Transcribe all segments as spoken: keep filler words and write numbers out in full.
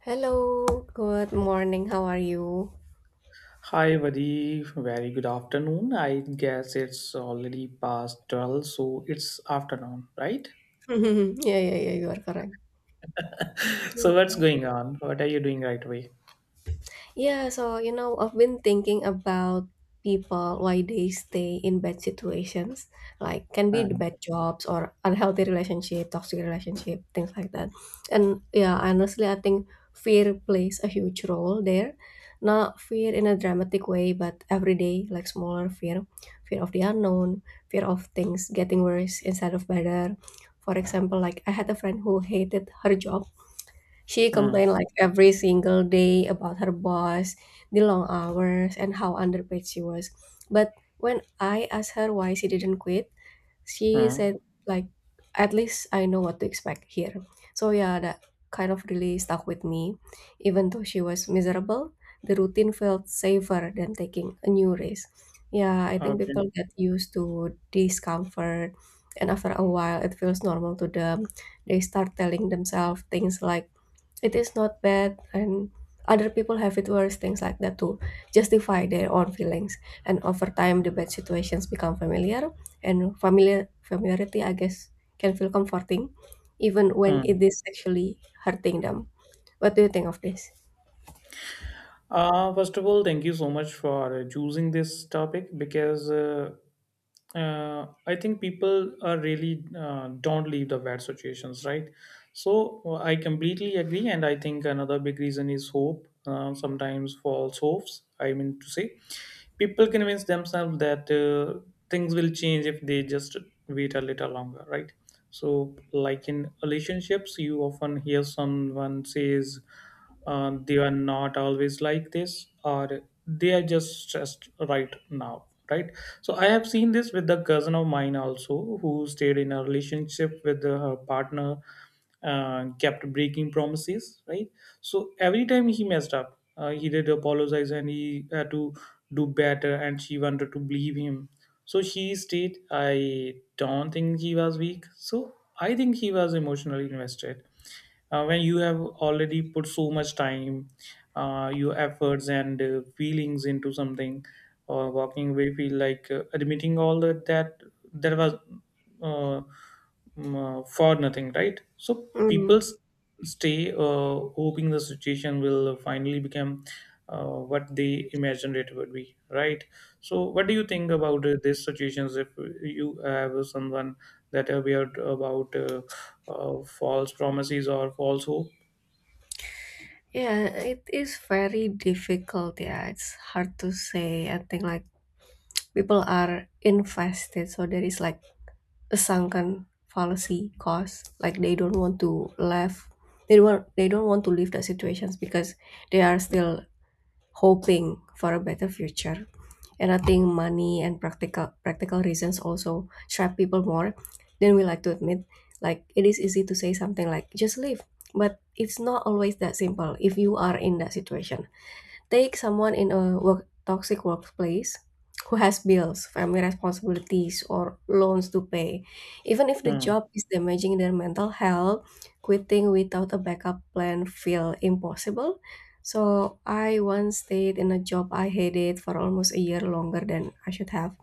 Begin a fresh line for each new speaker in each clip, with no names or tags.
Hello, good morning. How are you?
Hi, very, very good afternoon. I guess it's already past twelve, so it's afternoon, right?
Yeah, yeah, yeah, you are correct.
So what's going on? What are you doing right away?
Yeah, so you know, I've been thinking about people why they stay in bad situations, like can be
Uh,
the bad jobs or unhealthy relationship, toxic relationship, things like that. And yeah, honestly, I think fear plays a huge role there. Not fear in a dramatic way, but everyday, like smaller fear, fear of the unknown, fear of things getting worse instead of better. For example, like I had a friend who hated her job. She
mm,
complained like every single day about her boss, the long hours, and how underpaid she was. But when I asked her why she didn't quit, she
mm,
said like at least I know what to expect here. So yeah, that kind of really stuck with me. Even though she was miserable, the routine felt safer than taking a new risk. Yeah, I think people
okay.
get used to discomfort and after a while it feels normal to them. They start telling themselves things like it is not bad, and other people have it worse, things like that, to justify their own feelings. And over time, the bad situations become familiar, and familiar familiarity, I guess, can feel comforting, even when
Mm.
it is actually hurting them. What do you think of this?
Uh, first of all, thank you so much for uh, choosing this topic, because uh, uh, I think people are really uh, don't leave the bad situations, right? So uh, I completely agree, and I think another big reason is hope. Uh, sometimes false hopes. I mean to say people convince themselves that uh, things will change if they just wait a little longer, right? So like in relationships you often hear someone says, uh, they are not always like this, or they are just stressed right now, right? So I have seen this with the cousin of mine also, who stayed in a relationship with her partner, uh, kept breaking promises, right? So every time he messed up, uh, he did apologize and he had to do better, and she wanted to believe him. So she stayed. I don't think he was weak. So I think he was emotionally invested. Uh, when you have already put so much time, uh, your efforts and uh, feelings into something, or walking away feel like uh, admitting all that that there was uh, mm, uh, for nothing, right? So people
Mm.
s- stay, uh, hoping the situation will finally become uh, what they imagined it would be, right? So what do you think about uh, these situations if you have someone that aware about uh, uh, false promises or false hope?
Yeah, it is very difficult. Yeah, it's hard to say. I think like people are invested, so there is like a sunken fallacy cause like they don't want to leave, they don't they don't want to leave the situations because they are still hoping for a better future. And I think money and practical practical reasons also trap people more than we like to admit. Like it is easy to say something like just leave, but it's not always that simple if you are in that situation. Take someone in a work, toxic workplace who has bills, family responsibilities, or loans to pay. Even if the
Hmm.
job is damaging their mental health, quitting without a backup plan feel impossible. So I once stayed in a job I hated for almost a year longer than I should have,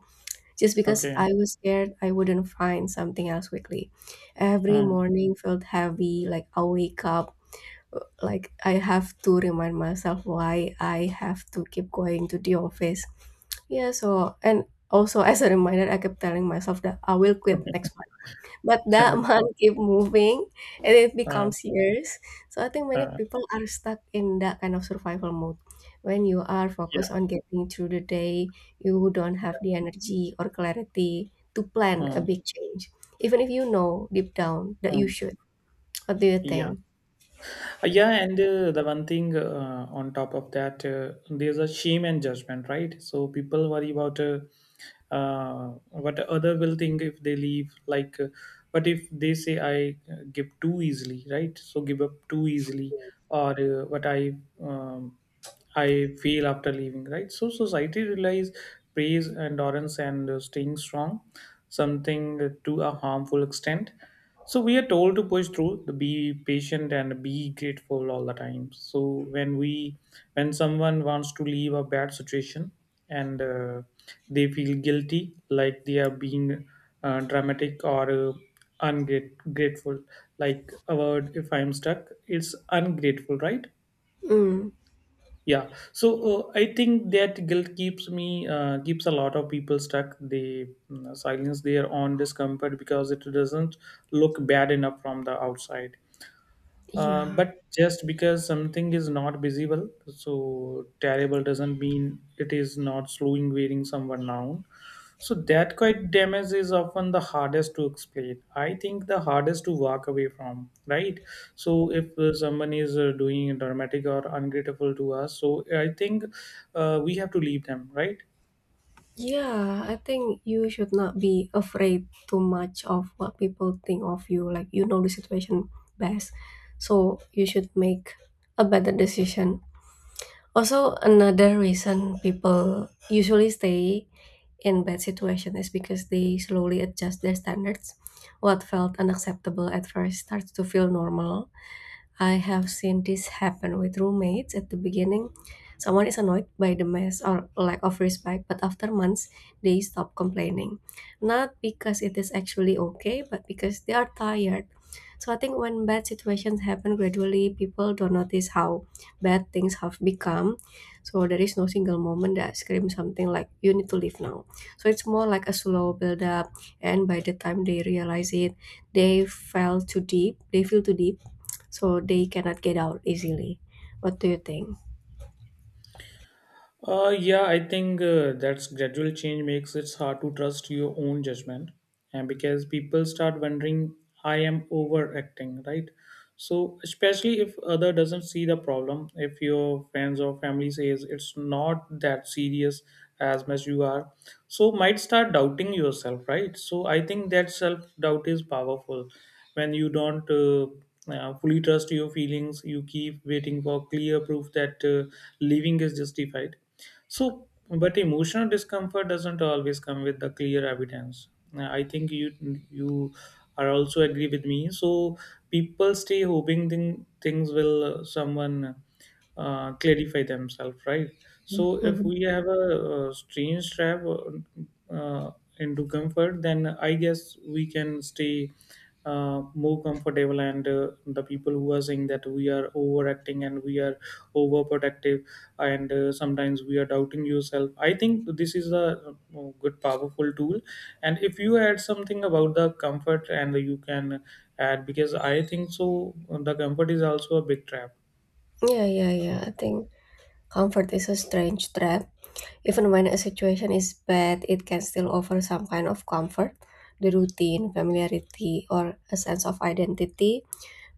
just because
Okay.
I was scared I wouldn't find something else quickly. Every
Hmm.
morning felt heavy, like I wake up like I have to remind myself why I have to keep going to the office. Yeah, so and also as a reminder, I kept telling myself that I will quit next month. But that
Okay.
month keep moving and it
Uh,
becomes years. So I think many
uh,
people are stuck in that kind of survival mode. When you are
yeah.
focused on getting through the day, you don't have
Yeah.
the energy or clarity to plan a
Hmm.
big change. Even if you know deep down that you
Hmm.
should. What do you
Yeah.
think?
Uh, Yeah, and uh, the one thing uh, on top of that, uh, there's a shame and judgment, right? So people worry about uh, uh, what other will think if they leave. Like, uh, but if they say I uh, give too easily, right? So give up too easily, or uh, what I um, I feel after leaving, right? So society relies praise, endurance, and uh, staying strong, something to a harmful extent. So we are told to push through the be patient and be grateful all the time. So when we when someone wants to leave a bad situation and uh, they feel guilty, like they are being uh, dramatic or uh, ungrateful, like a word if I'm stuck it's ungrateful, right?
Mm.
Yeah, so uh, I think that guilt keeps me uh, keeps a lot of people stuck. They mm, silence their own discomfort because it doesn't look bad enough from the outside. Uh,
Yeah.
but just because something is not visible, so terrible doesn't mean it is not slowing wearing someone down. So that quite damage is often the hardest to explain. I think the hardest to walk away from, right? So if uh, someone is uh, doing dramatic or ungrateful to us, so I think uh, we have to leave them, right?
Yeah, I think you should not be afraid too much of what people think of you. Like, you know the situation best. So, you should make a better decision. Also, another reason people usually stay in bad situation is because they slowly adjust their standards. What felt unacceptable at first starts to feel normal. I have seen this happen with roommates at the beginning. Someone is annoyed by the mess or lack of respect, but after months, they stop complaining. Not because it is actually okay, but because they are tired. So I think when bad situations happen gradually, people don't notice how bad things have become. So there is no single moment that screams something like, you need to leave now. So it's more like a slow build up, and by the time they realize it, they fell too deep, they feel too deep so they cannot get out easily. What do you think?
Uh, yeah, I think uh, that's gradual change makes it hard to trust your own judgment, and because people start wondering, I am overacting, right? So especially if other doesn't see the problem, if your friends or family says it's not that serious as much you are, so might start doubting yourself, right? So I think that self doubt is powerful when you don't Uh, uh, fully trust your feelings, you keep waiting for clear proof that uh, living is justified. So, but emotional discomfort doesn't always come with the clear evidence. Uh, I think you you are also agree with me. So people stay hoping thing, things will uh, someone uh, clarify themselves, right? So if
Mhm.
we have a, uh strange trap uh, uh, into comfort, then I guess we can stay uh, more comfortable. And uh, the people who are saying that we are overacting and we are overprotective, and uh, sometimes we are doubting yourself, I think this is a uh, good powerful tool, and if you add something about the comfort, and you can add, because I think so the comfort is also a big trap.
Yeah, yeah, yeah. I think comfort is a strange trap. Even when a situation is bad, it can still offer some kind of comfort. The routine, familiarity, or a sense of identity.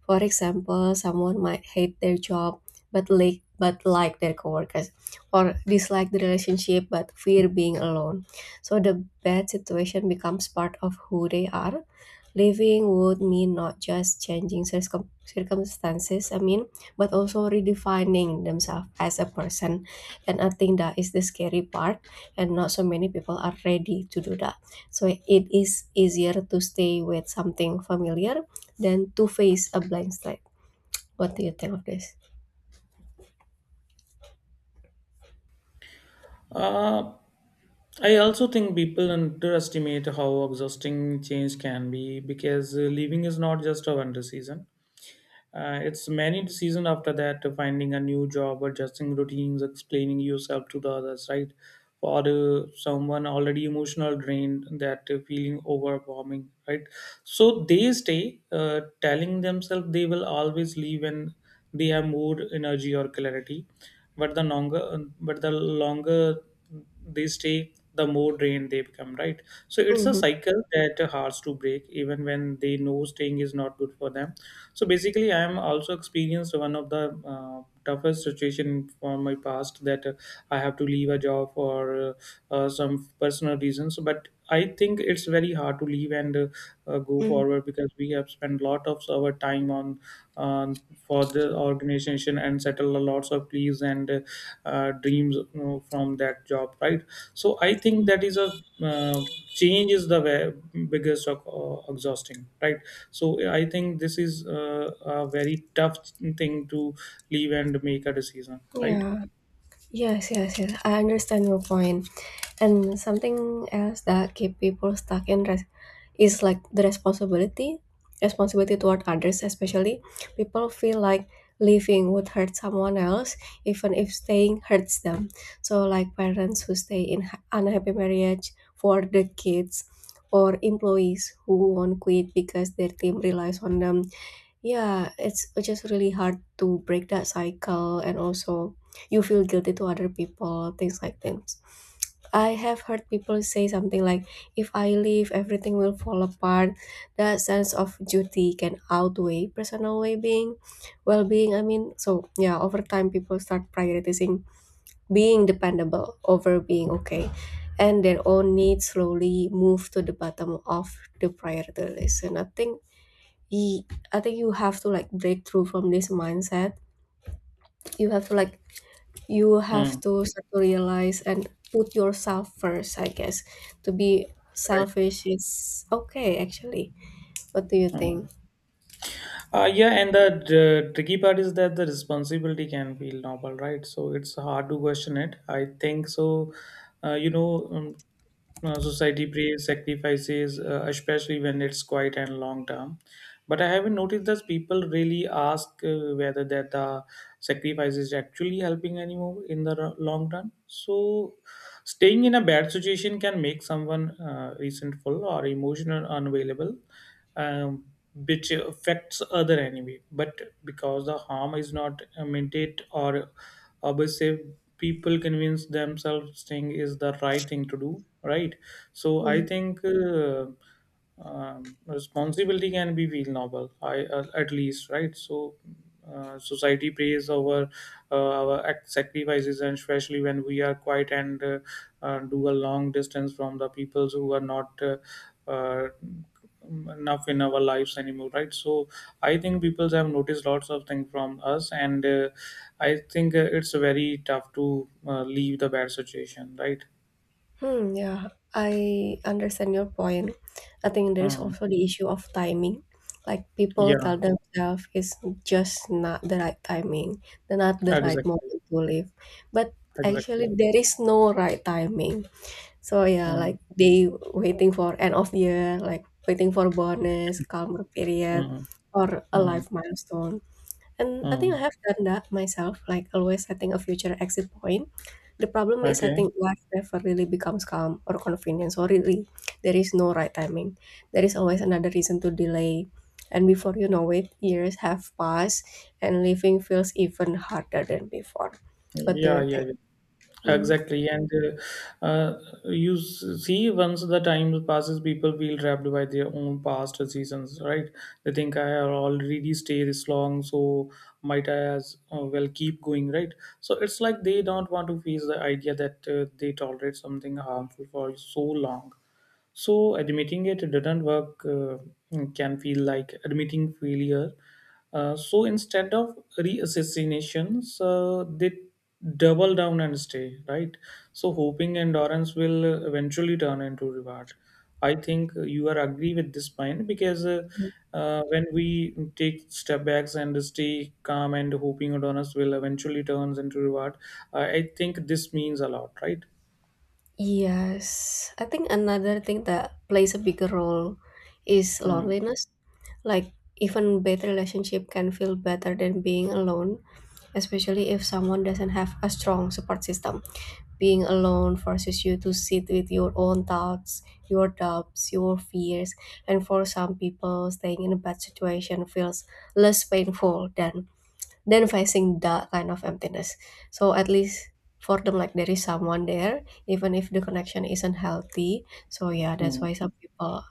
For example, someone might hate their job but like but like their coworkers, or dislike the relationship but fear being alone. So the bad situation becomes part of who they are. Living would mean not just changing circum- circumstances, I mean, but also redefining themselves as a person. And I think that is the scary part, and not so many people are ready to do that. So it is easier to stay with something familiar than to Face: A Blind Side. What do you think of this?
uh, I also think people underestimate how exhausting change can be, because uh, leaving is not just a winter season. Uh, it's many season after that, uh, finding a new job, adjusting routines, explaining yourself to the others, right? For uh, someone already emotional drained, that uh, feeling overwhelming, right? So they stay, uh, telling themselves they will always leave when they have more energy or clarity. But the longer, but the longer they stay, the more drained they become, right? So it's a
Hmm.
cycle that uh, hard to break, even when they know staying is not good for them. So basically I am also experienced one of the uh, toughest situation from my past, that uh, I have to leave a job for uh, uh, some personal reasons, but I think it's very hard to leave and uh, uh, go forward, because we have spent lot of our time on, um, for the organization and settle a lots of pleas and uh, uh, dreams, you know, from that job, right? So I think that is a, uh, change is the way, biggest of, uh, exhausting, right? So yeah, I think this is uh, a very tough thing to leave and make a decision, right?
Yeah. Yes, yes, yes. I understand your point. And something else that keep people stuck in res- is like the responsibility, responsibility toward others, especially people feel like leaving would hurt someone else, even if staying hurts them. So like parents who stay in ha- unhappy marriage for the kids, or employees who won't quit because their team relies on them. Yeah, it's just really hard to break that cycle, and also you feel guilty to other people, things like things. I have heard people say something like, "If I leave, everything will fall apart." That sense of duty can outweigh personal well-being. Well-being, I mean, so yeah, over time, people start prioritizing being dependable over being okay, and their own needs slowly move to the bottom of the priority list. And I think Ye- I think you have to like break through from this mindset. You have to like you
uh,
have to start to realize and put yourself first, I guess. To be
right.
selfish is okay actually. What do you
uh.
think?
Uh, yeah, and the uh, tricky part is that the responsibility can feel novel, right? So it's hard to question it. I think so. Uh, you know, um, uh, Society prays sacrifices, uh, especially when it's quiet and long term. But I haven't noticed that people really ask uh, whether that the sacrifice is actually helping anymore in the r- long run. So staying in a bad situation can make someone uh, resentful or emotional unavailable, um, which affects other enemy, but because the harm is not uh, meant it or abusive, people convince themselves thing is the right thing to do, right? So I
Hmm.
think uh, um, responsibility can be feel noble, I, uh, at least, right? So uh, society praise our uh, our act- sacrifices, and especially when we are quiet and uh, uh, do a long distance from the peoples who are not uh, uh, enough in our lives anymore, right? So I think people have noticed lots of things from us, and uh, I think uh, it's very tough to uh, leave the bad situation, right?
Hmm, yeah, I understand your point. I think there is
Mm.
also the issue of timing. Like people tell
Yeah,
themselves it's just not the right timing, the not the right
exactly,
moment to live. But actually
exactly.
there is no right timing. So yeah,
Mm,
like they waiting for end of year, like waiting for bonus, calmer period,
mm,
or a
mm,
life milestone. And I think I
mm.
have done that myself, like always setting a future exit point. The problem is I
Okay.
think life never really becomes calm or convenient. So really there is no right timing. There is always another reason to delay. And before you know it, years have passed and living feels even harder than before. What do
Yeah,
you
yeah,
think?
yeah.
Hmm.
Exactly, and uh, uh, you s- see, once the time passes, people feel trapped by their own past seasons, right? They think I have already stayed this long, so might I as uh, well keep going, right? So it's like they don't want to face the idea that uh, they tolerate something harmful for so long. So admitting it didn't work uh, mm, can feel like admitting failure. Uh, so instead of reassassinations, uh, they double down and stay, right. So hoping endurance will uh, eventually turn into reward. I think you are agree with this point, because uh, uh, when we take step backs and stay calm and hoping endurance will eventually turns into reward, I I think this means a lot, right?
Yes, I think another thing that plays a bigger role is loneliness. Like even bad relationship can feel better than being alone, especially if someone doesn't have a strong support system. Being alone forces you to sit with your own thoughts, your doubts, your fears, and for some people, staying in a bad situation feels less painful than than facing that kind of emptiness. So at least for them, like there is someone there, even if the connection isn't healthy. So yeah, that's
Hmm.
why some people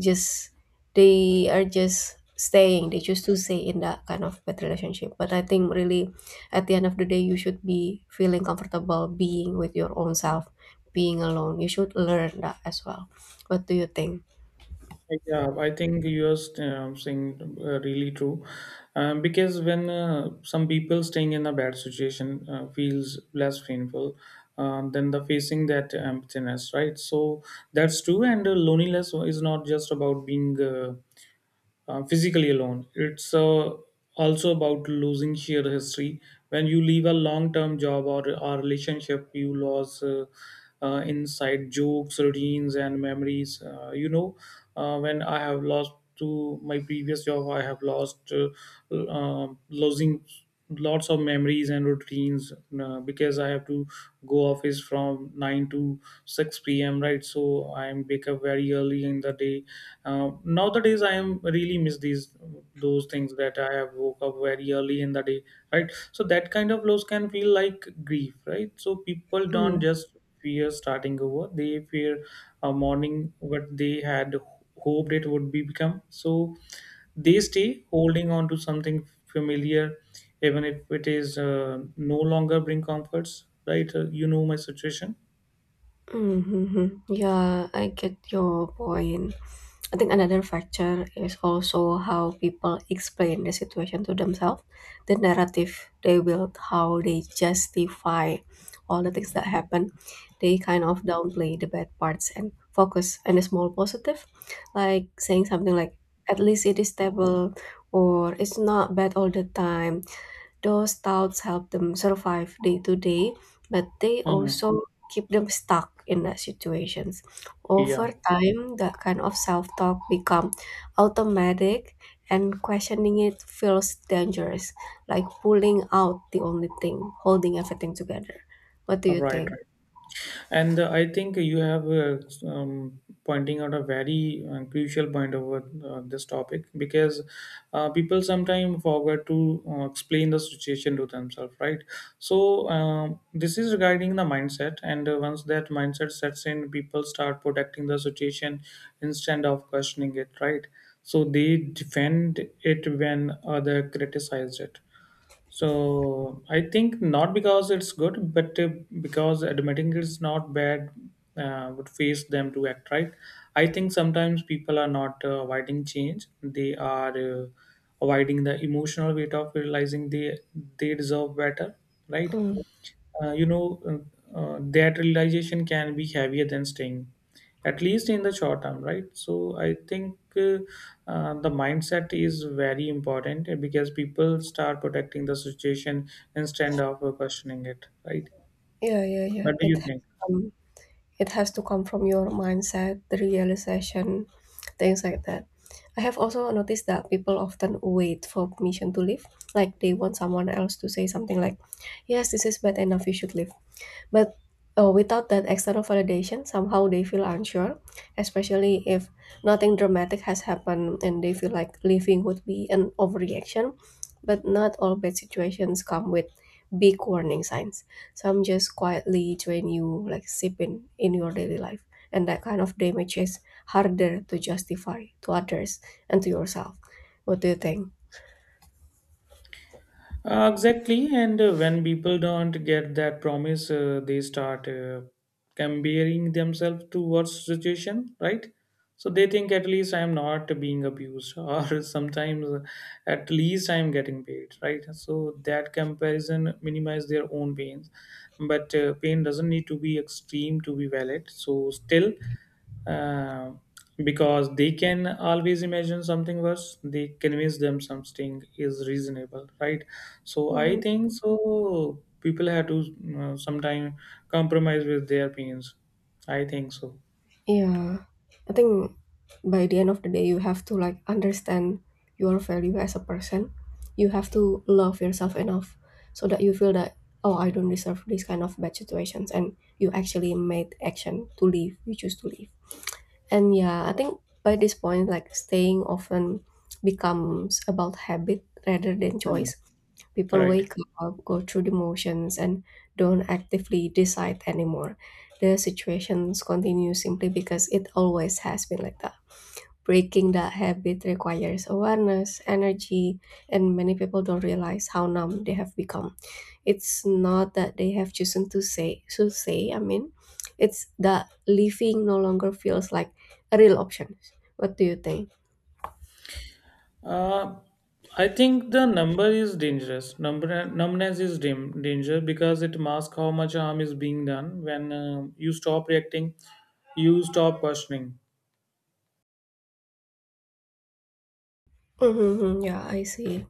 just they are just staying. They choose to stay in that kind of bad relationship. But I think really, at the end of the day, you should be feeling comfortable being with your own self, being alone. You should learn that as well. What do you think?
Yeah, I think you're st- um, saying uh, really true, um, because when uh, some people staying in a bad situation uh, feels less painful, um, than the facing that emptiness, right? So that's true, and uh, loneliness is not just about being. Uh, uh, physically alone. It's uh, also about losing shared history. When you leave a long term job or or relationship, you lose uh, uh, inside jokes, routines, and memories. Uh, you know, uh, when I have lost to my previous job, I have lost uh, uh, losing lots of memories and routines, uh, because I have to go office from nine to six p m, right? So I am wake up very early in the day. Uh, nowadays, I am really miss these those things that I have woke up very early in the day, right? So that kind of loss can feel like grief, right? So people don't just fear starting over; they fear a morning what they had hoped it would be become. So they stay holding on to something familiar, even if it is uh, no longer bring comforts, right? Uh, you know my situation.
Mm-hmm. Yeah, I get your point. I think another factor is also how people explain the situation to themselves, the narrative they build, how they justify all the things that happen. They kind of downplay the bad parts and focus on the small positive, like saying something like, at least it is stable, or it's not bad all the time. Those thoughts help them survive day to day, but they
Mm.
also keep them stuck in that situations.
Yeah,
Over time, that kind of self-talk become automatic and questioning it feels dangerous, like pulling out the only thing holding everything together. What do you
right,
think?
right. And uh, I think you have uh, um, pointing out a very uh, crucial point over uh, this topic, because uh, people sometimes forget to uh, explain the situation to themselves, right? So um, this is regarding the mindset, and uh, once that mindset sets in, people start protecting the situation instead of questioning it, right? So they defend it when other criticize it, so I think, not because it's good, but uh, because admitting it's not bad uh, would face them to act right. I think sometimes people are not uh, avoiding change; they are uh, avoiding the emotional weight of realizing they they deserve better, right?
Mm,
Uh, you know, uh, uh, that realization can be heavier than staying, at least in the short term, right? So I think uh, uh, the mindset is very important uh, because people start protecting the situation instead of uh, questioning it, right?
yeah, yeah, yeah.
What do
It
you
has
think?
come It has to come from your mindset, the realization, things like that. I have also noticed that people often wait for permission to leave, like they want someone else to say something like, Yes, this is bad enough, you should leave, but uh, without that external validation, somehow they feel unsure, especially if nothing dramatic has happened and they feel like leaving would be an overreaction. But not all bad situations come with big warning signs. Some just quietly train you, like sipping in your daily life. And that kind of damage is harder to justify to others and to yourself. What do you think?
Uh, exactly, and uh, when people don't get that promise, uh, they start uh, comparing themselves to worse situation, right? So they think at least I'm not being abused, or sometimes uh, at least I'm getting paid, right? So that comparison minimize their own pains, but uh, pain doesn't need to be extreme to be valid. So still uh, because they can always imagine something worse, they convince them something is reasonable, right? So I
Mhm.
think so, people have to uh, sometime compromise with their opinions, I think so.
Yeah, I think by the end of the day, you have to like understand your value as a person. You have to love yourself enough so that you feel that, oh, I don't deserve these kind of bad situations. And you actually made action to leave. You choose to leave. And yeah, I think by this point, like staying often becomes about habit rather than
Hmm.
choice. People
Right.
wake up, go through the motions, and don't actively decide anymore. The situations continue simply because it always has been like that. Breaking that habit requires awareness, energy, and many people don't realize how numb they have become. It's not that they have chosen to say to say, I mean, it's that living no longer feels like a real option. What do you think?
uh, I think the number is dangerous. Number Numbness is dim, danger because it masks how much harm is being done. When uh, you stop reacting, you stop questioning.
Mm-hmm, yeah, I see.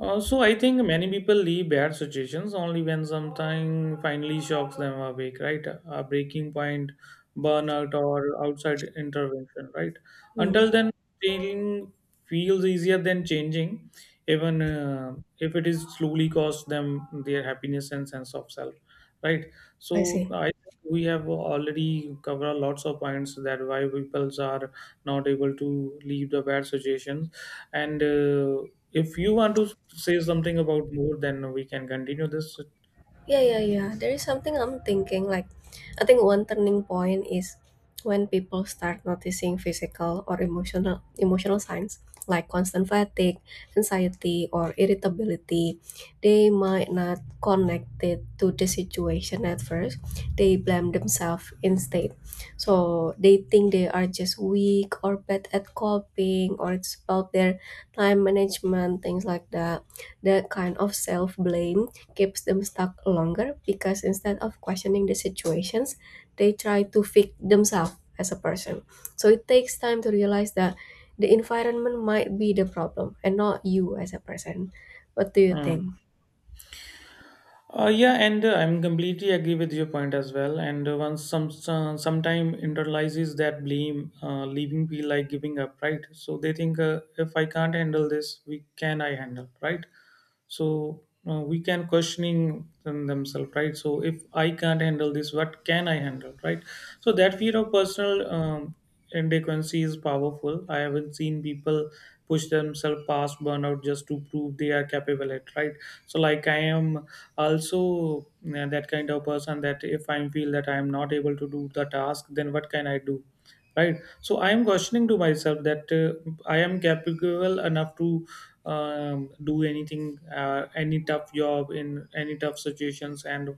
Uh, So I think many people leave bad situations only when something finally shocks them awake, right? A breaking point, burnout, or outside intervention, right?
Mm,
Until then, staying feels easier than changing, even uh, if it is slowly cost them their happiness and sense of self, right?
I
So,
see.
I think we have already covered lots of points that why people are not able to leave the bad situations and. Uh, if you want to say something about more, then we can continue this.
Yeah, yeah, yeah. There is something I'm thinking, like I think one turning point is when people start noticing physical or emotional emotional signs like constant fatigue, anxiety or irritability. They might not connect it to the situation at first. They blame themselves instead. So they think they are just weak or bad at coping, or it's about their time management, things like that. That kind of self blame keeps them stuck longer because instead of questioning the situations, they try to fix themselves as a person. So it takes time to realize that the environment might be the problem and not you as a person. What do you
Hmm.
think?
Uh, yeah, and uh, I'm completely agree with your point as well. And uh, once some some sometime internalizes that blame, uh, leaving feel like giving up, right? So they think, uh, if I can't handle this, we can I handle, right? So uh, we can questioning them- themselves, right? So if I can't handle this, what can I handle, right? So that fear of personal um, inadequacy is powerful. I haven't seen people push themselves past burnout just to prove they are capable at, right? So like I am also uh, that kind of person that if I feel that I am not able to do the task, then what can I do, right? So I am questioning to myself that uh, I am capable enough to um, do anything, uh, any tough job in any tough situations, and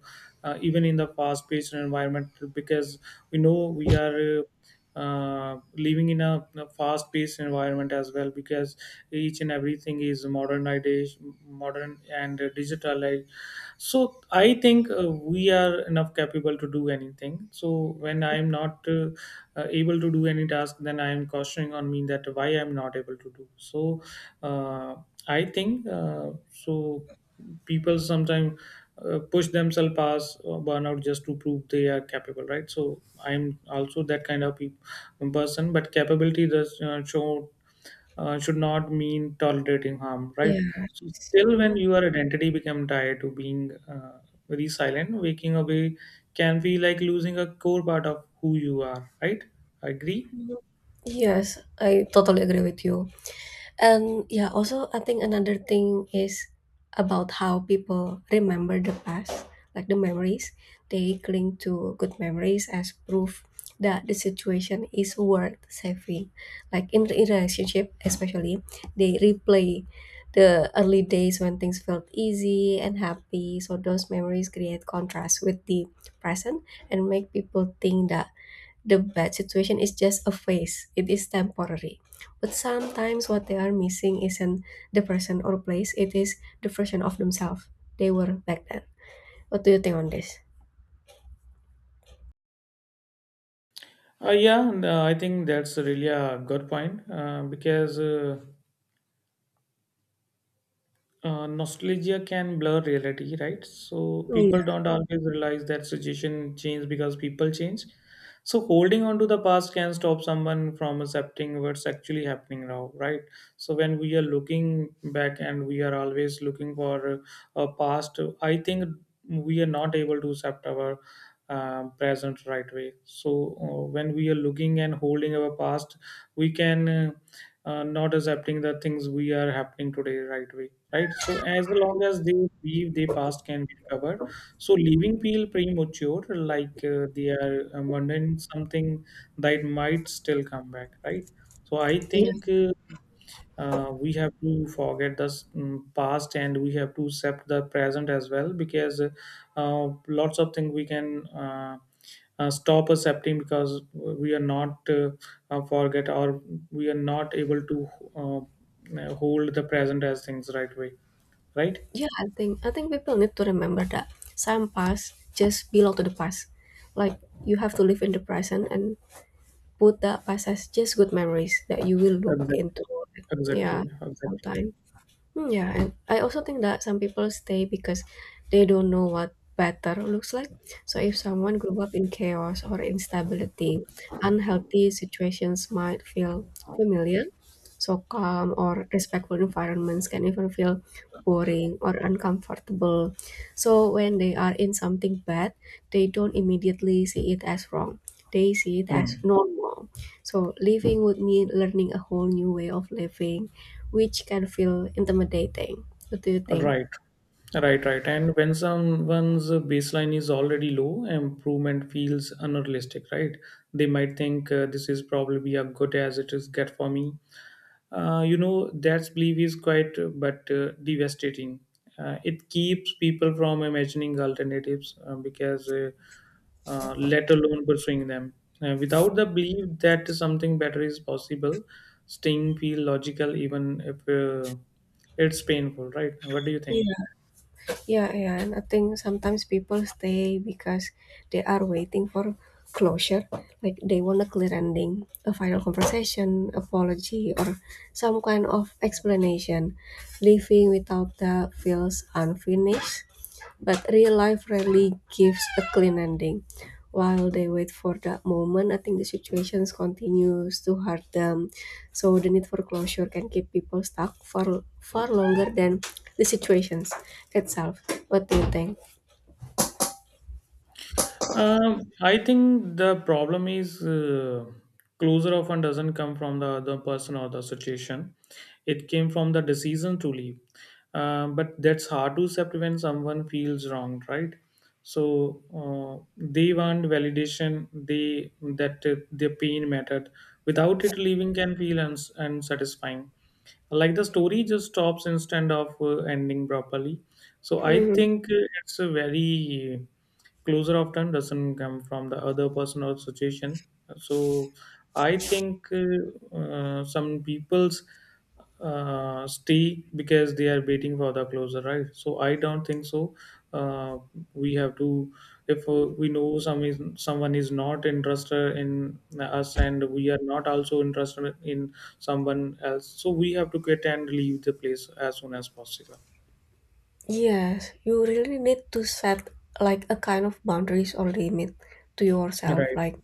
uh, even in the fast paced environment because we know we are uh, uh, living in a, a fast paced environment as well, because each and everything is modernization modern and digital. So I think uh, we are enough capable to do anything. So when I am not uh, uh, able to do any task, then I am cautioning on me that why I am not able to do so. uh, I think uh, so people sometimes uh, push themselves past uh, burnout just to prove they are capable, right? So I'm also that kind of peop- person, but capability does uh, show uh, should not mean tolerating harm, right?
Yes.
So still, when
Mm.
your identity become tied to being uh, very silent, waking away can be like losing a core part of who you are, right? Agree?
Yes, I totally agree with you. And yeah, also I think another thing is about how people remember the past, like the memories. They cling to good memories as proof that the situation is worth saving. Like in in relationship, especially, they replay the early days when things felt easy and happy. So those memories create contrast with the present and make people think that the bad situation is just a phase, it is temporary. But sometimes what they are missing isn't the person or place, it is the version of themselves they were back then. What do you think on this?
Uh, yeah, and uh, I think that's really a good point uh, because. Uh, Uh, nostalgia can blur reality, right? So people
Yeah.
don't always realize that situation change because people change. So holding on to the past can stop someone from accepting what's actually happening now, right? So when we are looking back and we are always looking for a past, I think we are not able to accept our uh, present right way. So uh, when we are looking and holding our past, we can uh, uh, not accepting the things we are happening today right way, right? So as long as they believe their past can be recovered, so leaving people premature, like uh, they are abandoning something that might still come back, right? So I
Yeah,
think uh, uh, we have to forget the um, past and we have to accept the present as well, because uh, uh, lots of things we can. Uh, uh, stop accepting because we are not uh, uh, forget, or we are not able to uh, uh, hold the present as things right way, right.
yeah, I think I think people need to remember that some past just belong to the past. Like you have to live in the present and put that past as just good memories that you will look into.
Exactly,
Yeah,
exactly, exactly.
sometime. Mm, yeah, and I also think that some people stay because they don't know what better looks like. So if someone grew up in chaos or instability, unhealthy situations might feel familiar. So calm or respectful environments can even feel boring or uncomfortable. So when they are in something bad, they don't immediately see it as wrong. They see it as
Hmm.
normal. So living would mean learning a whole new way of living, which can feel intimidating. What do you think?
Right, right, right. And when someone's baseline is already low, improvement feels unrealistic, right? They might think, uh, this is probably a good as it is get for me, uh, you know that belief is quite uh, but uh, devastating. Uh, it keeps people from imagining alternatives, uh, because uh, uh, let alone pursuing them. Uh, without the belief that something better is possible, staying feel logical even if uh, it's painful, right? What do you think?
Yeah, yeah, yeah. And I think sometimes people stay because they are waiting for closure. Like they want a clear ending, a final conversation, apology, or some kind of explanation. Living without that feels unfinished. But real life rarely gives a clean ending. While they wait for that moment, I think the situations continues to hurt them. So the need for closure can keep people stuck for far longer than the situations itself. What do you think?
Um, I think the problem is, uh, closure often doesn't come from the other person or the situation. It came from the decision to leave. Uh, but that's hard to accept when someone feels wronged, right? So uh, they want validation. They that uh, their pain mattered. Without it, leaving can feel uns- unsatisfying. Like the story just stops instead of uh, ending properly. So I
Mhm.
think uh, it's a very closer of time, doesn't come from the other person or situation. So I think uh, uh, some people's uh, stay because they are waiting for the closer, right? So I don't think so. Uh, we have to, if uh, we know some is, someone is not interested in us and we are not also interested in someone else, so we have to quit and leave the place as soon as possible.
Yes, you really need to set like a kind of boundaries or limit to yourself.
Right.
Like,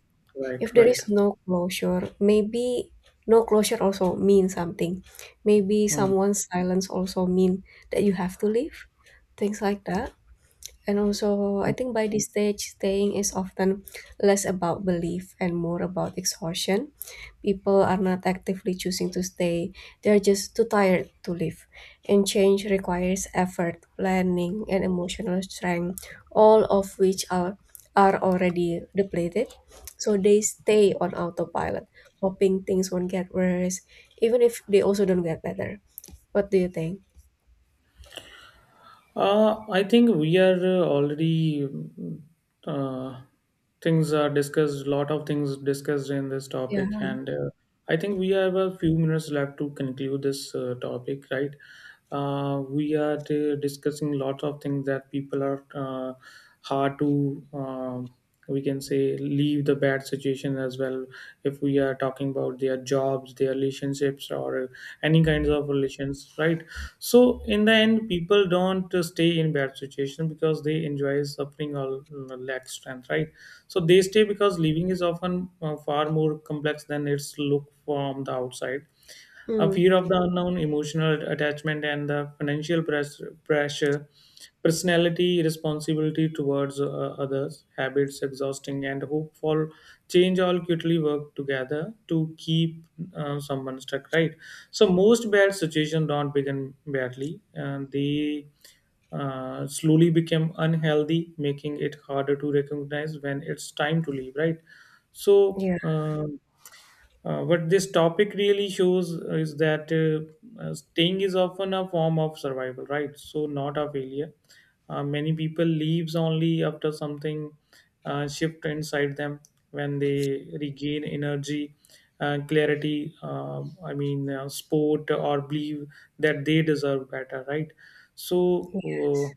if
Right,
there
right.
is no closure, maybe no closure also means something. Maybe
Mm,
someone's silence also mean that you have to leave, things like that. And also, I
mm.
think by this stage, staying is often less about belief and more about exhaustion. People are not actively choosing to stay, they're just too tired to live. And change requires effort, planning, and emotional strength, all of which are, are already depleted. So they stay on autopilot, hoping things won't get worse, even if they also don't get better. What do you think?
Uh, I think we are uh, already mm, uh, things are discussed. Lot of things discussed in this
Yeah.
topic, and uh, I think we have a few minutes left to conclude this uh, topic, right? Uh, we are uh, discussing lots of things that people are uh, hard to. Um we can say leave the bad situation as well, if we are talking about their jobs, their relationships, or any kinds of relations, right? So in the end, people don't uh, stay in bad situation because they enjoy suffering or uh, lack strength, right? So they stay because living is often uh, far more complex than its look from the outside. A
Mm,
fear of the unknown, emotional attachment, and the financial press, pressure, personality, responsibility towards uh, others, habits, exhausting, and hope for change all quickly work together to keep uh, someone stuck, right? So, most bad situations don't begin badly, and they uh, slowly become unhealthy, making it harder to recognize when it's time to leave, right? So,
yeah.
uh, uh, what this topic really shows uh, is that uh, uh, staying is often a form of survival, right? So, not a failure. Uh, many people leaves only after something uh, shift inside them, when they regain energy, uh, clarity. Uh, I mean, uh, sport or believe that they deserve better, right? So, Uh,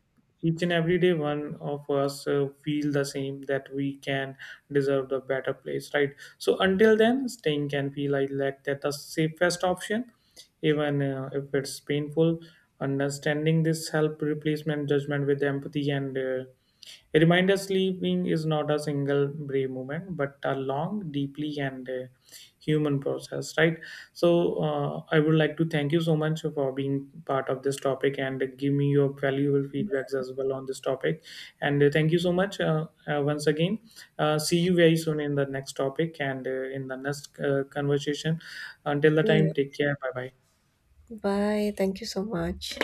each and every day one of us uh, feel the same that we can deserve the better place, right? So until then, staying can feel like like that the safest option, even uh, if it's painful. Understanding this help replacement judgment with empathy and uh, a reminder, sleeping is not a single brave movement but a long, deeply and uh, human process, right? So uh, I would like to thank you so much for being part of this topic and give me your valuable feedbacks as well on this topic. And uh, thank you so much uh, uh, once again. Uh, see you very soon in the next topic and uh, in the next uh, conversation. Until the
Yeah.
time, take care. Bye bye.
Bye. Thank you so much.